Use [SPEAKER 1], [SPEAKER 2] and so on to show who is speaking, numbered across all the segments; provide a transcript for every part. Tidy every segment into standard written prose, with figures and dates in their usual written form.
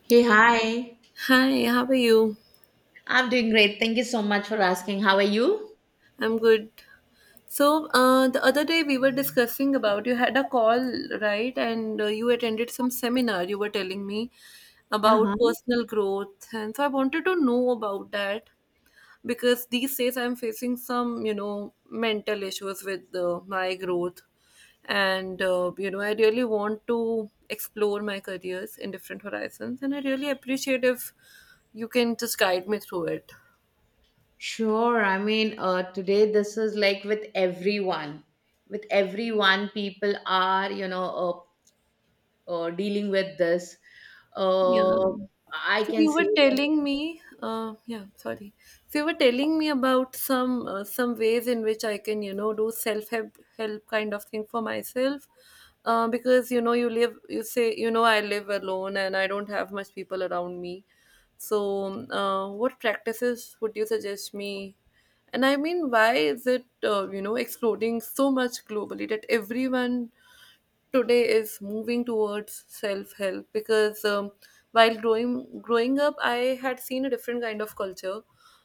[SPEAKER 1] Hey, hi.
[SPEAKER 2] Hi, how are you?
[SPEAKER 1] I'm doing great. Thank you so much for asking. How are you?
[SPEAKER 2] I'm good. So the other day we were discussing about you had a call, right? And you attended some seminar, you were telling me about
[SPEAKER 1] Uh-huh.
[SPEAKER 2] personal growth. And so I wanted to know about that because these days I'm facing some, you know, mental issues with my growth. And you know, I really want to explore my careers in different horizons. And I really appreciate if you can just guide me through it.
[SPEAKER 1] Sure. I mean, today this is like with everyone. With everyone, people are, dealing with this.
[SPEAKER 2] Yeah.
[SPEAKER 1] Uh, I
[SPEAKER 2] So
[SPEAKER 1] can
[SPEAKER 2] you
[SPEAKER 1] say
[SPEAKER 2] were
[SPEAKER 1] that
[SPEAKER 2] telling me, sorry. So you were telling me about some ways in which I can, you know, do self help kind of thing for myself, because you know you live, you say, you know, I live alone and I don't have much people around me. So what practices would you suggest me? And I mean, why is it, you know, exploding so much globally that everyone today is moving towards self-help because while growing up I had seen a different kind of culture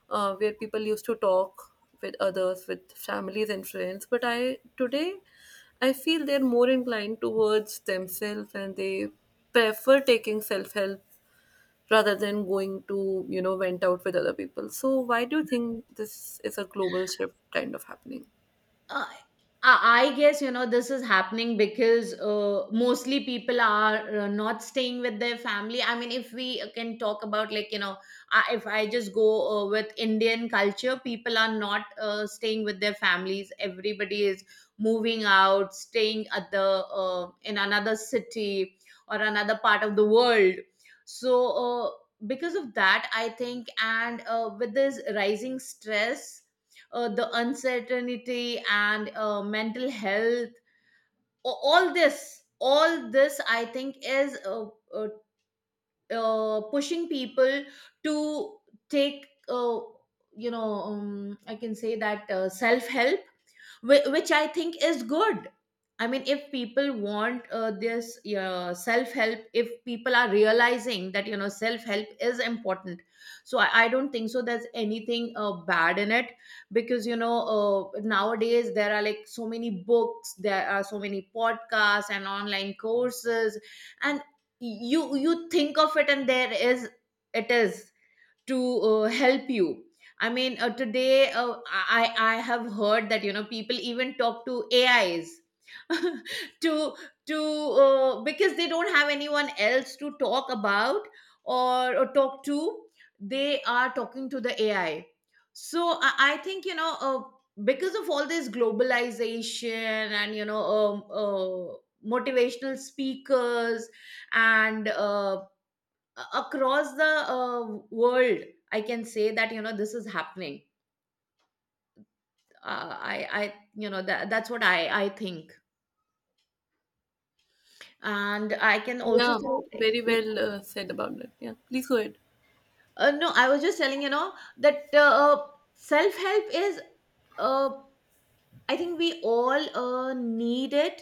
[SPEAKER 2] where people used to talk with others, with families and friends, but I today, I feel they're more inclined towards themselves, and they prefer taking self-help rather than going to, you know, vent out with other people. So why do you think this is a global shift kind of happening?
[SPEAKER 1] uh, I guess this is happening because mostly people are not staying with their family. I mean, if we can talk about like, if I just go with Indian culture, people are not staying with their families. Everybody is moving out, staying at the in another city or another part of the world. So because of that, I think, and with this rising stress, the uncertainty, and mental health. All this I think is uh, pushing people to take, you know, I can say that, self help, which I think is good. I mean, if people want this self help, if people are realizing that, you know, self help is important. So I don't think so there's anything bad in it because, you know, nowadays there are like so many books, there are so many podcasts and online courses. And you think of it and there is, it is to help you. I mean, today, I have heard that people even talk to ais to to because they don't have anyone else to talk about, or talk to. They are talking to the ai. So I think you know because of all this globalization and motivational speakers and across the world, I can say that you know this is happening. Uh, I you know that's what I think. And I can also
[SPEAKER 2] Yeah,
[SPEAKER 1] say,
[SPEAKER 2] very well said about that. Yeah, please go ahead.
[SPEAKER 1] no, I was just telling you know that self help is uh, I think we all need it,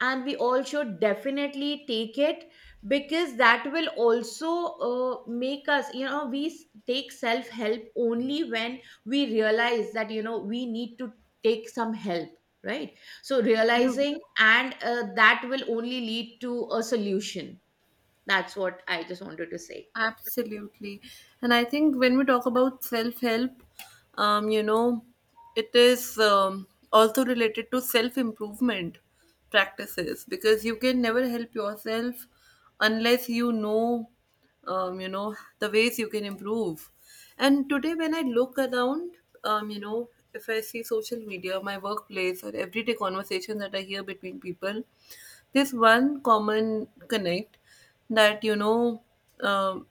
[SPEAKER 1] and we all should definitely take it because that will also make us, you know. We take self help only when we realize that, you know, we need to take some help, right? So
[SPEAKER 2] Yeah.
[SPEAKER 1] realizing and, that will only lead to a solution. That's what I just wanted to say.
[SPEAKER 2] Absolutely. And I think when we talk about self help, you know, it is also related to self improvement practices, because you can never help yourself unless you know, you know, the ways you can improve. And today, when I look around, you know, if I see social media, my workplace, or everyday conversation that I hear between people, there's one common connect that um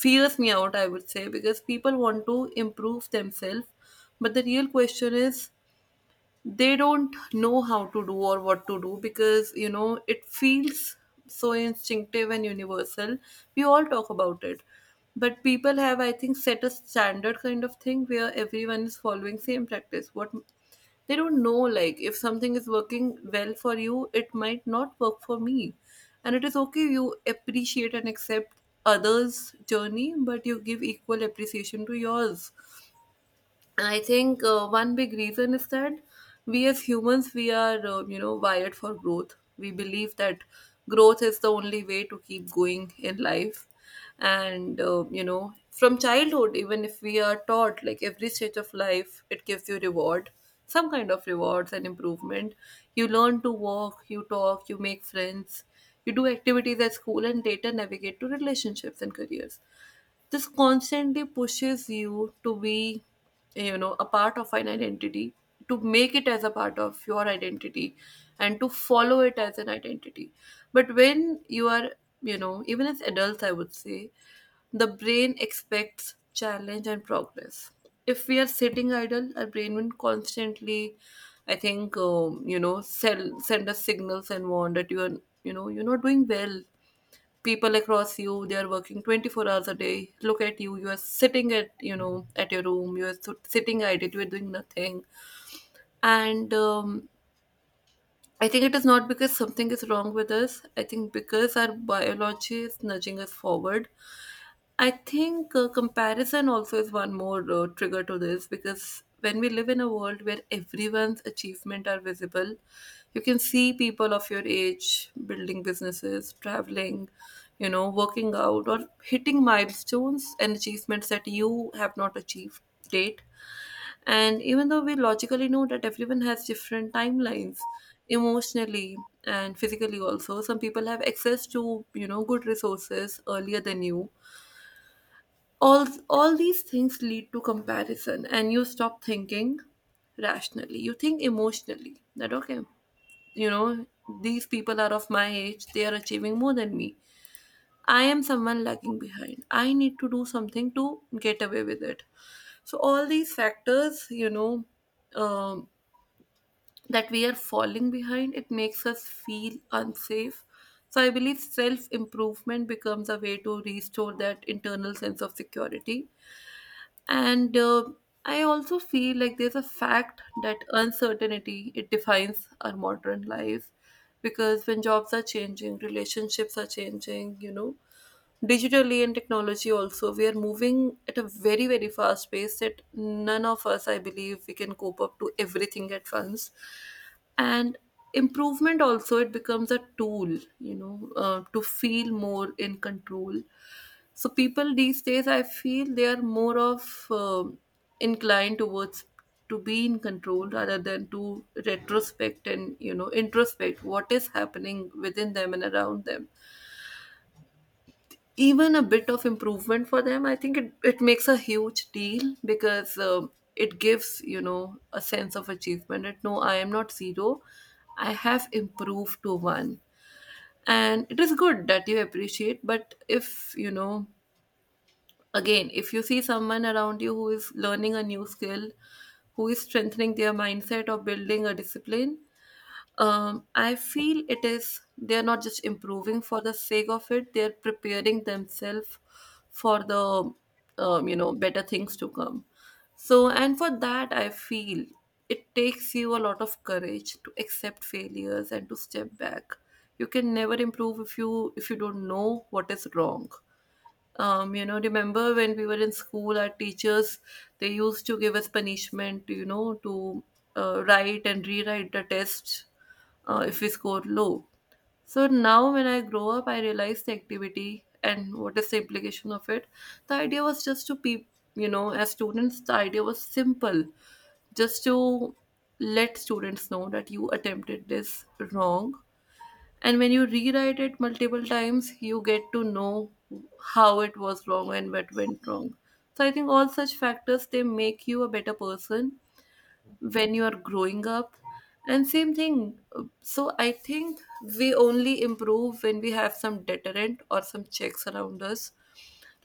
[SPEAKER 2] fears me out, I would say, because people want to improve themselves, but the real question is they don't know how to do or what to do, because you know it feels so instinctive and universal. We all talk about it, but people have, I think, set a standard kind of thing where everyone is following same practice. What they don't know, like if something is working well for you, it might not work for me, and it is okay. You appreciate and accept others journey, but you give equal appreciation to yours. I think one big reason is that we as humans, we are, you know, wired for growth. We believe that growth is the only way to keep going in life, and you know, from childhood, even if we are taught, like every stage of life it gives you reward, some kind of rewards and improvement. You learn to walk, you talk, you make friends, you do activities at school and later navigate to relationships and careers. This constantly pushes you to be, you know, a part of an identity, to make it as a part of your identity and to follow it as an identity. But when you are, you know, even as adults I would say, the brain expects challenge and progress. If we are sitting idle, our brain will constantly, I think, you know, send us signals and warn that you are, you know, you're not doing well. People across you, they are working 24 hours a day. Look at you, you are sitting at, you know, at your room, you are sitting idle, you are doing nothing. And I think it is not because something is wrong with us, I think because our biology is nudging us forward. I think comparison also is one more trigger to this, because when we live in a world where everyone's achievement are visible, you can see people of your age building businesses, traveling, you know, working out or hitting milestones and achievements that you have not achieved date. And even though we logically know that everyone has different timelines, emotionally and physically also, some people have access to, you know, good resources earlier than you, all these things lead to comparison, and you stop thinking rationally. You think emotionally that okay, you know, these people are of my age, they are achieving more than me. I am someone lagging behind, I need to do something to get away with it. So all these factors, you know, um, that we are falling behind, it makes us feel unsafe. So I believe self improvement becomes a way to restore that internal sense of security. And I also feel like there's a fact that uncertainty, it defines our modern life, because when jobs are changing, relationships are changing, you know, digitally and technology also, we are moving at a very very fast pace that none of us, I believe, we can cope up to everything at once. And improvement also, it becomes a tool, you know, to feel more in control. So people these days, I feel, they are more of inclined towards to be in control, rather than to retrospect and, you know, introspect what is happening within them and around them. Even a bit of improvement for them, I think it makes a huge deal, because it gives, you know, a sense of achievement that no, I am not zero, I have improved to one. And it is good that you appreciate, but if you know, again, if you see someone around you who is learning a new skill, who is strengthening their mindset or building a discipline, I feel it is they're not just improving for the sake of it; they're preparing themselves for the you know, better things to come. So, and for that, I feel it takes you a lot of courage to accept failures and to step back. You can never improve if you don't know what is wrong. You know, remember when we were in school, our teachers, they used to give us punishment, you know, to write and rewrite the test if we score low. So now when I grow up, I realize the activity and what is the implication of it. The idea was just to be, you know, as students, the idea was simple, just to let students know that you attempted this wrong, and when you rewrite it multiple times, you get to know how it was wrong and what went wrong. So I think all such factors, they make you a better person when you are growing up. And same thing. So I think we only improve when we have some deterrent or some checks around us.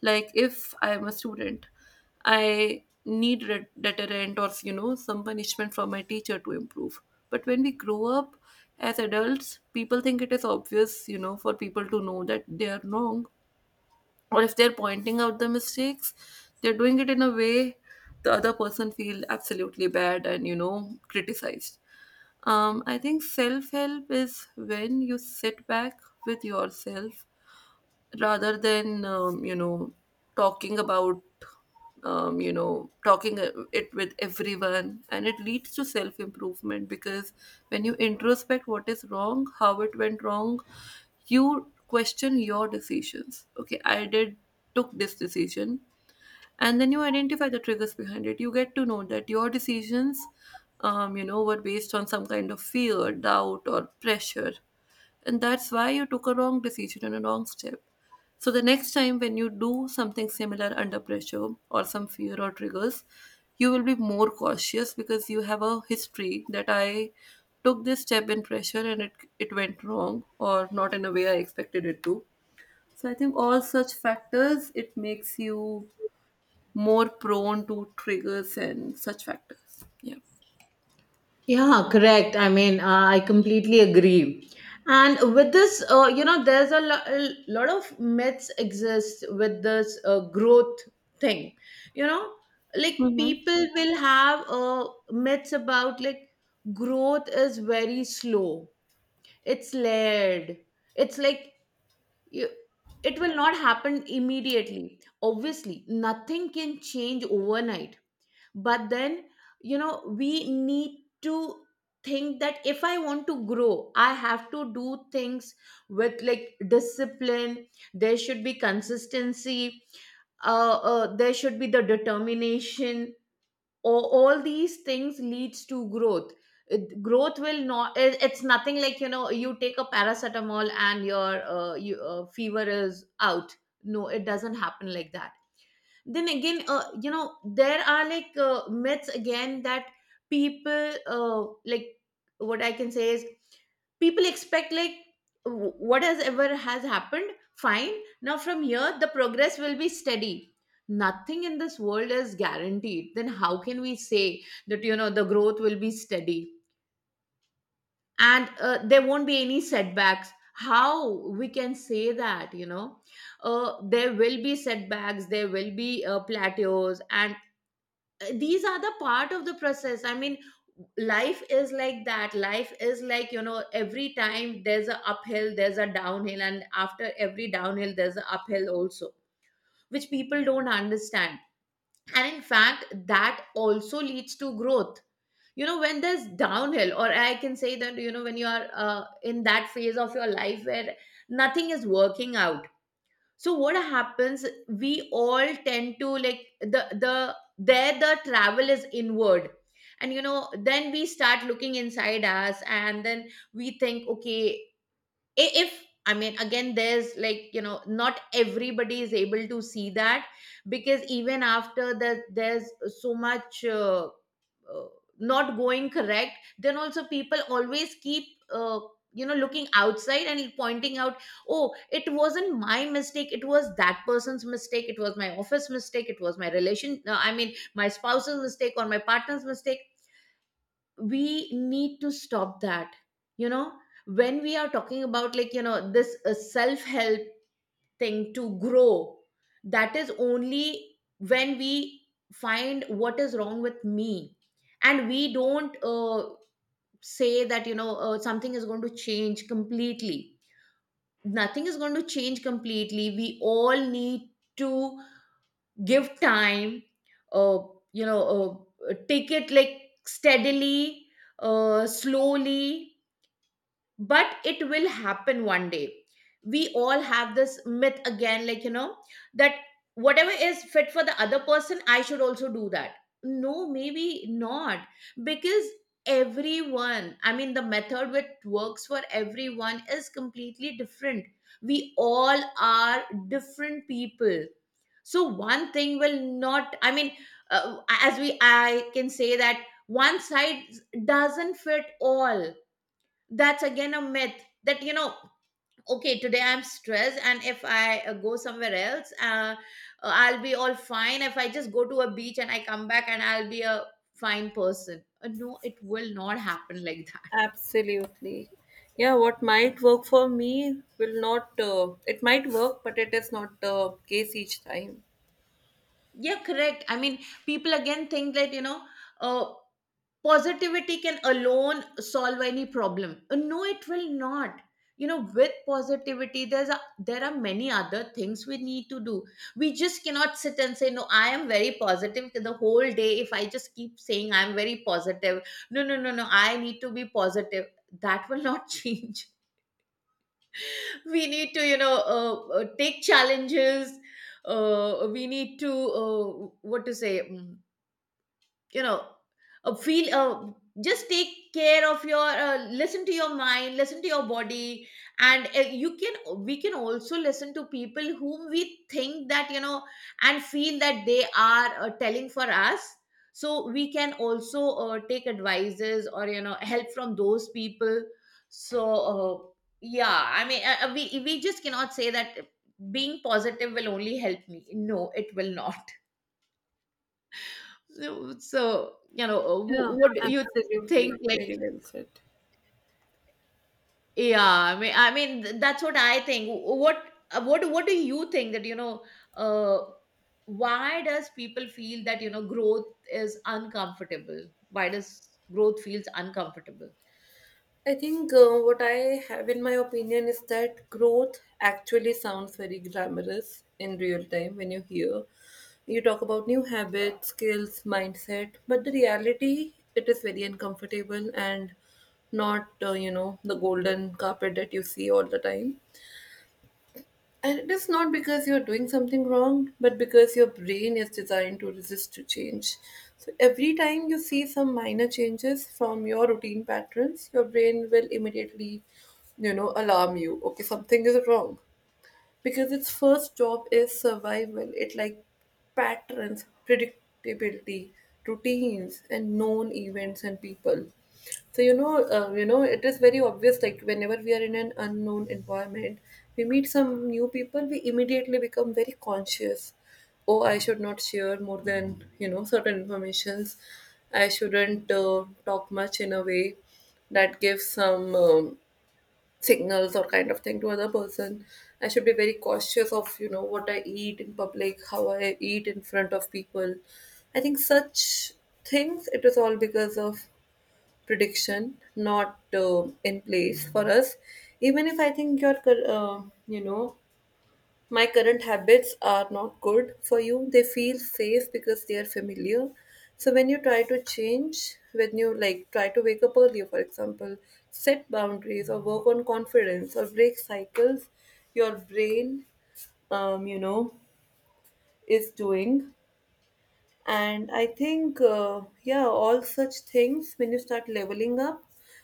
[SPEAKER 2] Like if I am a student, I need deterrent, or you know, some punishment from my teacher to improve. But when we grow up as adults, people think it is obvious, you know, for people to know that they are wrong, or if they're pointing out the mistakes, they're doing it in a way the other person feel absolutely bad and, you know, criticized. I think self-help is when you sit back with yourself, rather than, you know, talking about, you know, talking it with everyone, and it leads to self improvement, because when you introspect what is wrong, how it went wrong, you question your decisions. Okay, I did took this decision, and then you identify the triggers behind it. You get to know that your decisions, you know, were based on some kind of fear, doubt or pressure, and that's why you took a wrong decision and a wrong step. So the next time when you do something similar under pressure or some fear or triggers, you will be more cautious, because you have a history that I took this step in pressure and it went wrong, or not in a way I expected it to. So I think all such factors, it makes you more prone to triggers and such factors. Yeah.
[SPEAKER 1] Yeah, correct. I mean, I completely agree. And with this, you know, there's a, a lot of myths exist with this growth thing. You know, like
[SPEAKER 2] Mm-hmm.
[SPEAKER 1] people will have myths about, like, growth is very slow. It's layered. It's like you, it will not happen immediately. Obviously, nothing can change overnight, but then you know we need to think that if I want to grow I have to do things with, like, discipline. There should be consistency, there should be the determination, or all these things leads to growth. Growth will not, it's nothing like, you know, you take a paracetamol and your, you, fever is out. No, it doesn't happen like that. Then again, you know there are like myths again that people, like, what I can say is people expect like, what has ever has happened, fine, now from here the progress will be steady. Nothing in this world is guaranteed, then how can we say that you know the growth will be steady and there won't be any setbacks? How we can say that you know there will be setbacks, there will be plateaus, and these are the part of the process. I mean, life is like that. Life is like, you know, every time there's a uphill, there's a downhill, and after every downhill there's a uphill also, which people don't understand. And in fact, that also leads to growth. You know, when there's downhill, or I can say that, you know, when you are in that phase of your life where nothing is working out, so what happens, we all tend to, like, the there the travel is inward, and you know then we start looking inside us and then we think, okay, if I mean, again, there's like, you know, not everybody is able to see that because even after that there's so much uh, not going correct. Then also people always keep uh, you know, looking outside and pointing out, oh, it wasn't my mistake, it was that person's mistake, it was my office mistake, it was my relation, I mean my spouse's mistake or my partner's mistake. We need to stop that. You know, when we are talking about, like, you know, this self help thing to grow, that is only when we find what is wrong with me, and we don't say that you know something is going to change completely. Nothing is going to change completely. We all need to give time, uh, you know, take it like steadily, slowly, but it will happen one day. We all have this myth again, like, you know, that whatever is fit for the other person I should also do that. No, maybe not. Because everyone, I mean, the method which works for everyone is completely different. We all are different people, so one thing will not, I mean, as we, I can say that one side doesn't fit all. That's again a myth, that, you know, okay, today I'm stressed and if I go somewhere else I'll be all fine. If I just go to a beach and I come back and I'll be a fine person. No, it will not happen like that.
[SPEAKER 2] Absolutely. Yeah, what might work for me will not, it might work, but it is not the case each time.
[SPEAKER 1] Yeah, correct, I mean, people again think that you know uh, positivity can alone solve any problem. No, it will not. You know, with positivity there's a, there are many other things we need to do. We just cannot sit and say, no, I am very positive the whole day. If I just keep saying I'm very positive, no, no, no, no, I need to be positive, that will not change. We need to, you know, take challenges, we need to uh, what to say, you know, feel, just take care of your, listen to your mind, listen to your body, and you can, we can also listen to people whom we think that you know and feel that they are telling for us. So we can also take advices or you know help from those people. So, uh, yeah, I mean, we just cannot say that being positive will only help me. No, it will not. So, so, you know,
[SPEAKER 2] Yeah,
[SPEAKER 1] what do you think?
[SPEAKER 2] absolutely.
[SPEAKER 1] Like,
[SPEAKER 2] Very well said.
[SPEAKER 1] yeah, I mean, that's what I think. What do you think that you know? Uh, why does people feel that you know growth is uncomfortable? Why does growth feels uncomfortable?
[SPEAKER 2] I think, what I have in my opinion is that growth actually sounds very glamorous in real time when you hear, you talk about new habits, skills, mindset, but the reality, it is very uncomfortable and not, you know, the golden carpet that you see all the time. And it is not because you're doing something wrong, but because your brain is designed to resist to change. So every time you see some minor changes from your routine patterns, your brain will immediately, you know, alarm you. Okay, something is wrong. Because its first job is survival, it like patterns, predictability, routines, and known events and people. So you know, it is very obvious. Like whenever we are in an unknown environment, we meet some new people, we immediately become very conscious. Oh, I should not share more than certain informations. I shouldn't talk much in a way that gives some signals or kind of thing to other person. I should be very cautious of what I eat in public, how I eat in front of people. I think such things, it is all because of prediction not in place for us. Even if I think your you know my current habits are not good for you. They feel safe because they are familiar. So when you try to change, when you like try to wake up earlier, for example, set boundaries or work on confidence or break cycles, your brain, um, you know, is doing. And I think, yeah, all such things, when you start leveling up,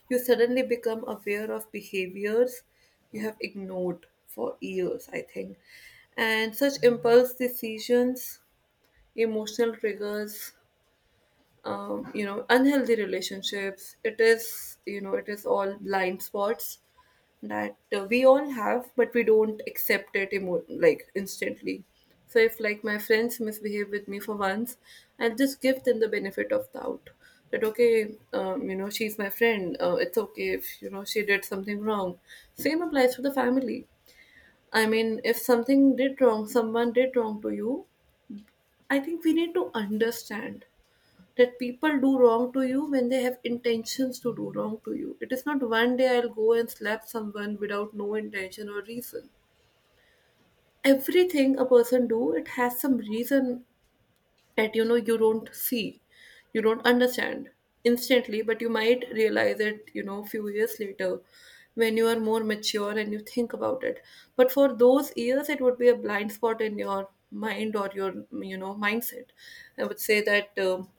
[SPEAKER 2] you suddenly become aware of behaviors you have ignored for years, I think. And such impulse decisions, emotional triggers, unhealthy relationships, it is, it is all blind spots that we all have but we don't accept it like instantly. So if like my friends misbehave with me for once, I'll just give them the benefit of doubt that okay, she's my friend, it's okay if she did something wrong. Same applies for the family. I mean if something did wrong, someone did wrong to you, I think we need to understand that people do wrong to you when they have intentions to do wrong to you. It is not one day I'll go and slap someone without no intention or reason. Everything a person do, it has some reason that you don't see, you don't understand instantly, but you might realize it, you know, few years later when you are more mature and you think about it. But for those years, it would be a blind spot in your mind or your mindset, I would say that.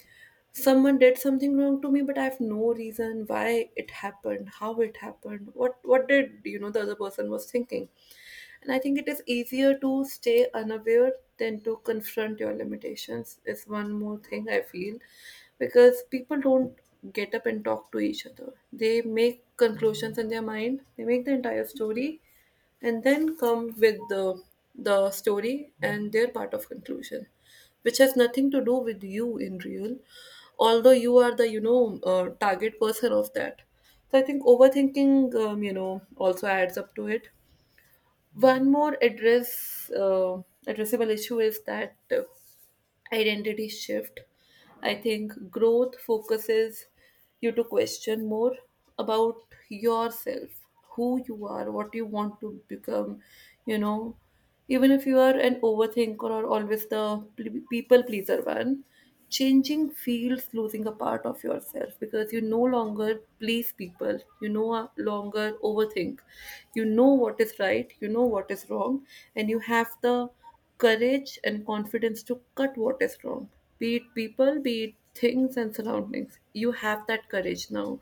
[SPEAKER 2] Someone did something wrong to me but I have no reason why it happened, how it happened, what did the other person was thinking. And I think it is easier to stay unaware than to confront your limitations is one more thing I feel. Because people don't get up and talk to each other, they make conclusions in their mind, they make the entire story and then come with the story and their part of conclusion, which has nothing to do with you in real, although you are the target person of that. So I think overthinking also adds up to it. One more addressable issue is that identity shift. I think growth focuses you to question more about yourself, who you are, what you want to become, you know. Even if you are an overthinker or always the people pleaser one, changing feels losing a part of yourself because you no longer please people, you no longer overthink. You know what is right, you know what is wrong, and you have the courage and confidence to cut what is wrong, be it people, be it things and surroundings. You have that courage now.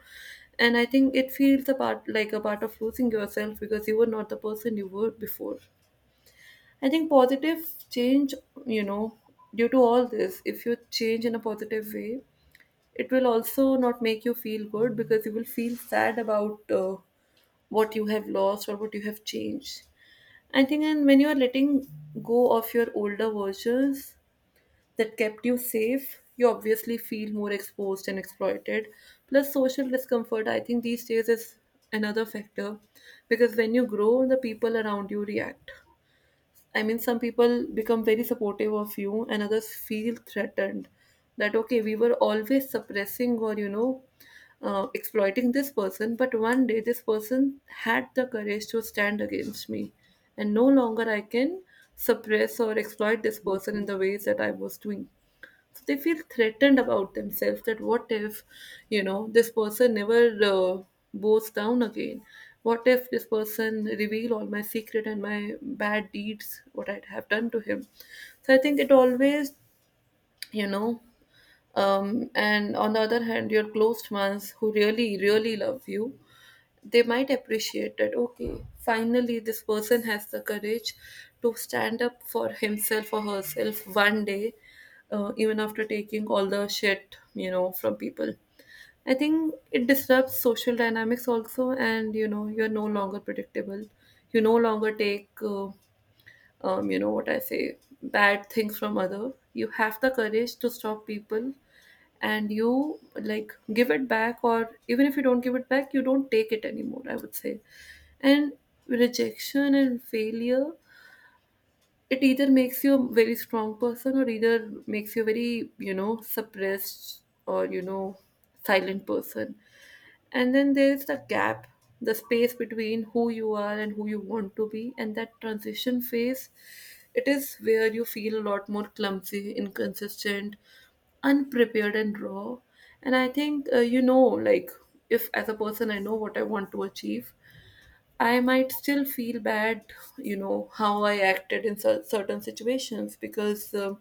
[SPEAKER 2] And I think it feels about like a part of losing yourself because you were not the person you were before. I think positive change, you know, due to all this, if you change in a positive way, it will also not make you feel good because you will feel sad about what you have lost or what you have changed. I think, and when you are letting go of your older versions that kept you safe, you obviously feel more exposed and exploited. Plus, social discomfort, I think, these days is another factor because when you grow, the people around you react. I mean, some people become very supportive of you, and others feel threatened that, okay, we were always suppressing or, exploiting this person, but one day this person had the courage to stand against me, and no longer I can suppress or exploit this person in the ways that I was doing. So they feel threatened about themselves that what if this person never uh, bows down again, what if this person reveal all my secret and my bad deeds what I'd have done to him. So I think it always, you know and on the other hand your close ones who really really love you, they might appreciate that okay, finally this person has the courage to stand up for himself or herself one day, even after taking all the shit from people. I think it disrupts social dynamics also, and you're no longer predictable, you no longer take what I say bad things from other, you have the courage to stop people and you like give it back, or even if you don't give it back you don't take it anymore, I would say. And rejection and failure, it either makes you a very strong person or either makes you a very suppressed or silent person. And then there is the gap, the space between who you are and who you want to be, and that transition phase. It is where you feel a lot more clumsy, inconsistent, unprepared, and raw. And I think, like if as a person I know what I want to achieve, I might still feel bad, you know, how I acted in certain situations. Because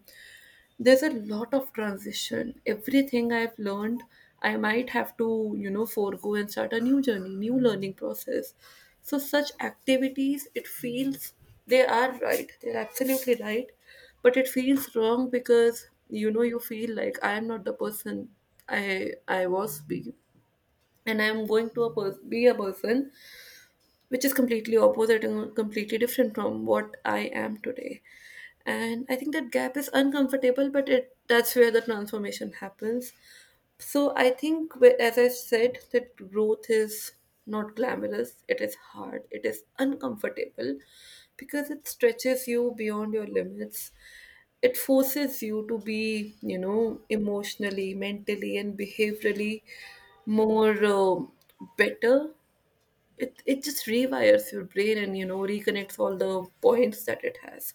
[SPEAKER 2] there's a lot of transition. Everything I've learned, I might have to, you know, forego and start a new journey, new learning process. So such activities, it feels they are right. They're absolutely right. But it feels wrong because, you know, you feel like I am not the person I was being. And I'm going to a be a person which is completely opposite and completely different from what I am today. And I think that gap is uncomfortable, but it that's where the transformation happens. So I think as I said, that growth is not glamorous, it is hard, it is uncomfortable, because it stretches you beyond your limits. It forces you to be, you know, emotionally, mentally and behaviorally more better. It just rewires your brain and you know reconnects all the points that it has.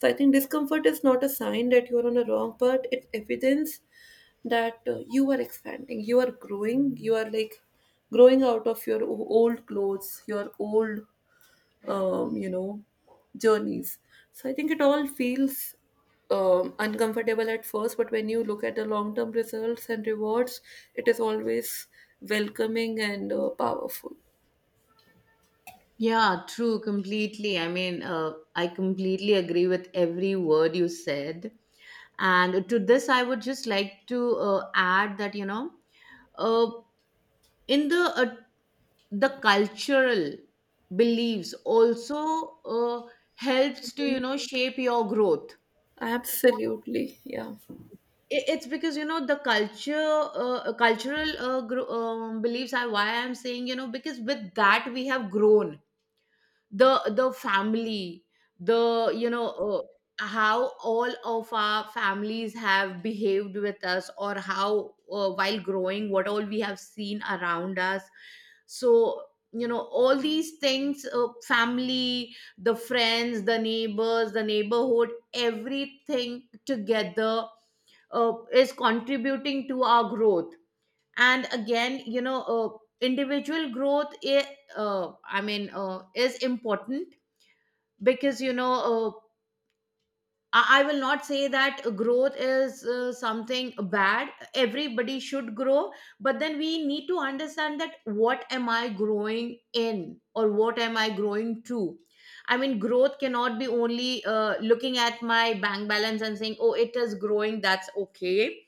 [SPEAKER 2] So I think discomfort is not a sign that you're on a wrong path, it's evidence that you are expanding, you are growing, you are like growing out of your old clothes, your old um, you know journeys. So I think it all feels uncomfortable at first, but when you look at the long term results and rewards, it is always welcoming and powerful.
[SPEAKER 1] Yeah, true, completely. I mean, I completely agree with every word you said. And to this, I would just like to add that, you know, uh, in the cultural beliefs also helps to you know shape your growth.
[SPEAKER 2] Absolutely. Yeah.
[SPEAKER 1] It's because you know the culture, cultural, beliefs, are why I'm saying, you know, because with that we have grown, the family, the, you know, how all of our families have behaved with us, or how, while growing, what all we have seen around us. So, you know, all these things, family, the friends, the neighbors, the neighborhood, everything together, is contributing to our growth. And again, you know, individual growth, I mean, is important, because, you know, I will not say that growth is something bad. Everybody should grow, but then we need to understand that what am I growing in, or what am I growing to. I mean, growth cannot be only looking at my bank balance and saying, oh, it is growing, that's okay.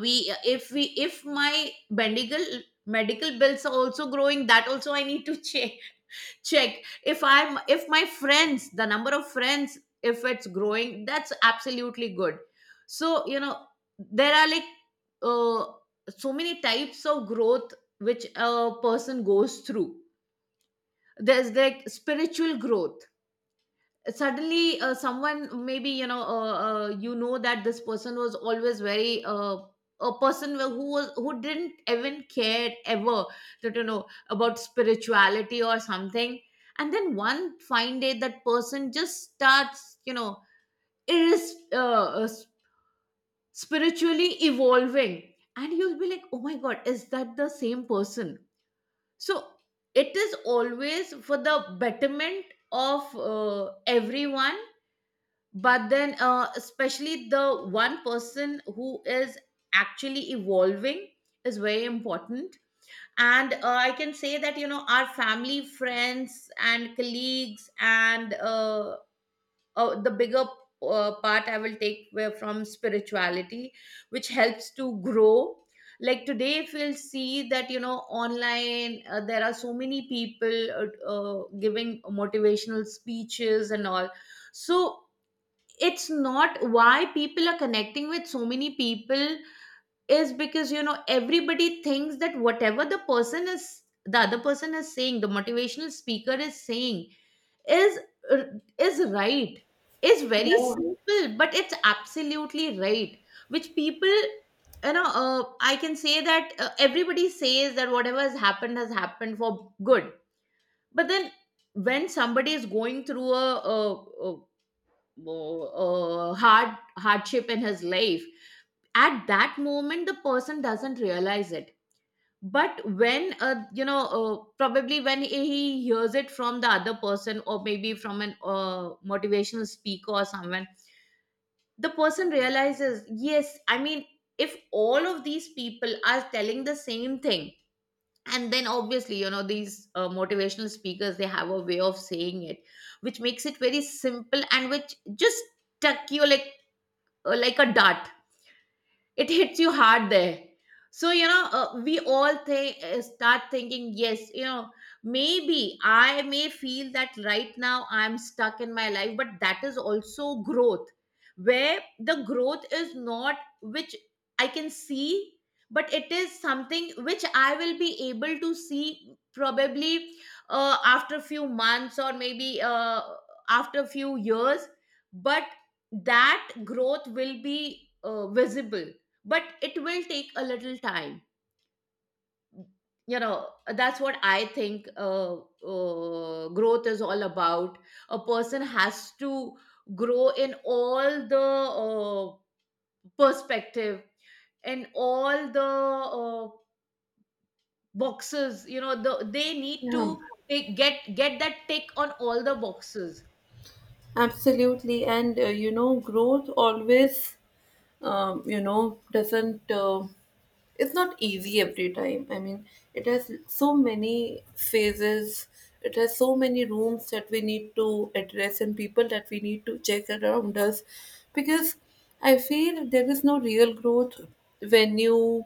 [SPEAKER 1] We, if we, if my medical bills are also growing, that also I need to check, check. If I'm, if my friends, the number of friends, if it's growing, that's absolutely good. So, you know, there are, like, uh, so many types of growth which a person goes through. There's, like, spiritual growth. Suddenly, someone, maybe, you know, you know, that this person was always very a person who was, who didn't even care ever that, you know, about spirituality or something, and then one fine day that person just starts, you know, is spiritually evolving, and you'll be like, oh my god, is that the same person? So, it is always for the betterment of everyone. But then, especially the one person who is actually evolving is very important. And I can say that, you know, our family, friends, and colleagues, and the bigger part I will take where, from spirituality, which helps to grow. Like today, if you'll see that, you know, online, there are so many people giving motivational speeches and all. So, it's not, why people are connecting with so many people is because, you know, everybody thinks that whatever the person is, the other person is saying, the motivational speaker is saying, is is right, is very
[SPEAKER 2] Yeah.
[SPEAKER 1] simple, but it's absolutely right. Which people, you know, I can say that, everybody says that whatever has happened for good. But then, when somebody is going through a hardship in his life, at that moment the person doesn't realize it. But when, you know, probably when he hears it from the other person, or maybe from an motivational speaker or someone, the person realizes, yes, I mean, if all of these people are telling the same thing, and then obviously, you know, these motivational speakers, they have a way of saying it, which makes it very simple, and which just stuck you like a dart, it hits you hard there. So, you know, we all think, start thinking, yes, you know, maybe I may feel that right now I'm stuck in my life, but that is also growth. Where the growth is not which I can see, but it is something which I will be able to see, probably after a few months, or maybe after a few years, but that growth will be visible, but it will take a little time, you know. That's what I think growth is all about. A person has to grow in all the uh, perspective, and all the uh, boxes, you know, the, they need
[SPEAKER 2] Yeah.
[SPEAKER 1] to take, get that tick on all the boxes.
[SPEAKER 2] Absolutely, and growth always, doesn't. It's not easy every time. I mean, it has so many phases. It has so many rooms that we need to address and people that we need to check around us, because I feel there is no real growth when you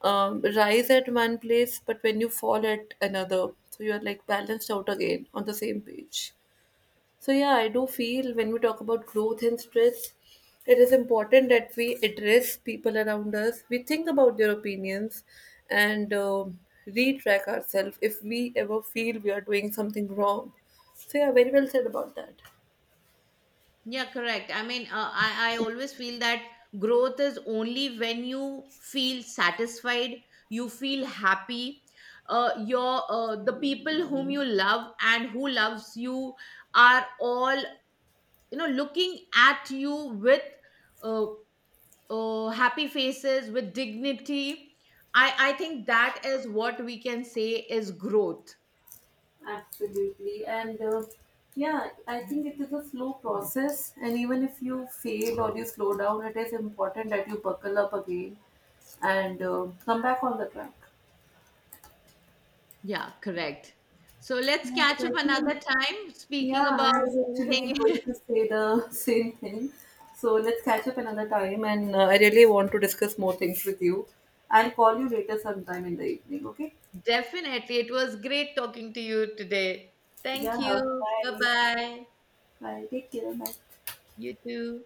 [SPEAKER 2] rise at one place, but when you fall at another, so you are like balanced out again on the same page. So yeah, I do feel when we talk about growth and stress, it is important that we address people around us. We think about their opinions and retrack ourselves if we ever feel we are doing something wrong. So yeah, very well said about that.
[SPEAKER 1] Yeah, correct. I mean, I always feel that growth is only when you feel satisfied, you feel happy. Your the people whom you love and who loves you are all, you know, looking at you with uh, happy faces with dignity. I think that is what we can say is growth.
[SPEAKER 2] Absolutely, and yeah, I think it is a slow process. And even if you fail or you slow down, it is important that you buckle up again and come back on the track.
[SPEAKER 1] Yeah, correct. So let's
[SPEAKER 2] Yeah,
[SPEAKER 1] catch
[SPEAKER 2] but I
[SPEAKER 1] up another
[SPEAKER 2] think
[SPEAKER 1] time
[SPEAKER 2] yeah,
[SPEAKER 1] speaking about
[SPEAKER 2] I was actually going
[SPEAKER 1] anything.
[SPEAKER 2] to say the same thing. So let's catch up another time, and I really want to discuss more things with you. I'll call you later sometime in the evening, okay?
[SPEAKER 1] Definitely. It was great talking to you today. Thank
[SPEAKER 2] Yeah,
[SPEAKER 1] you. Bye
[SPEAKER 2] bye.
[SPEAKER 1] bye.
[SPEAKER 2] Bye. Take care. Bye.
[SPEAKER 1] You too.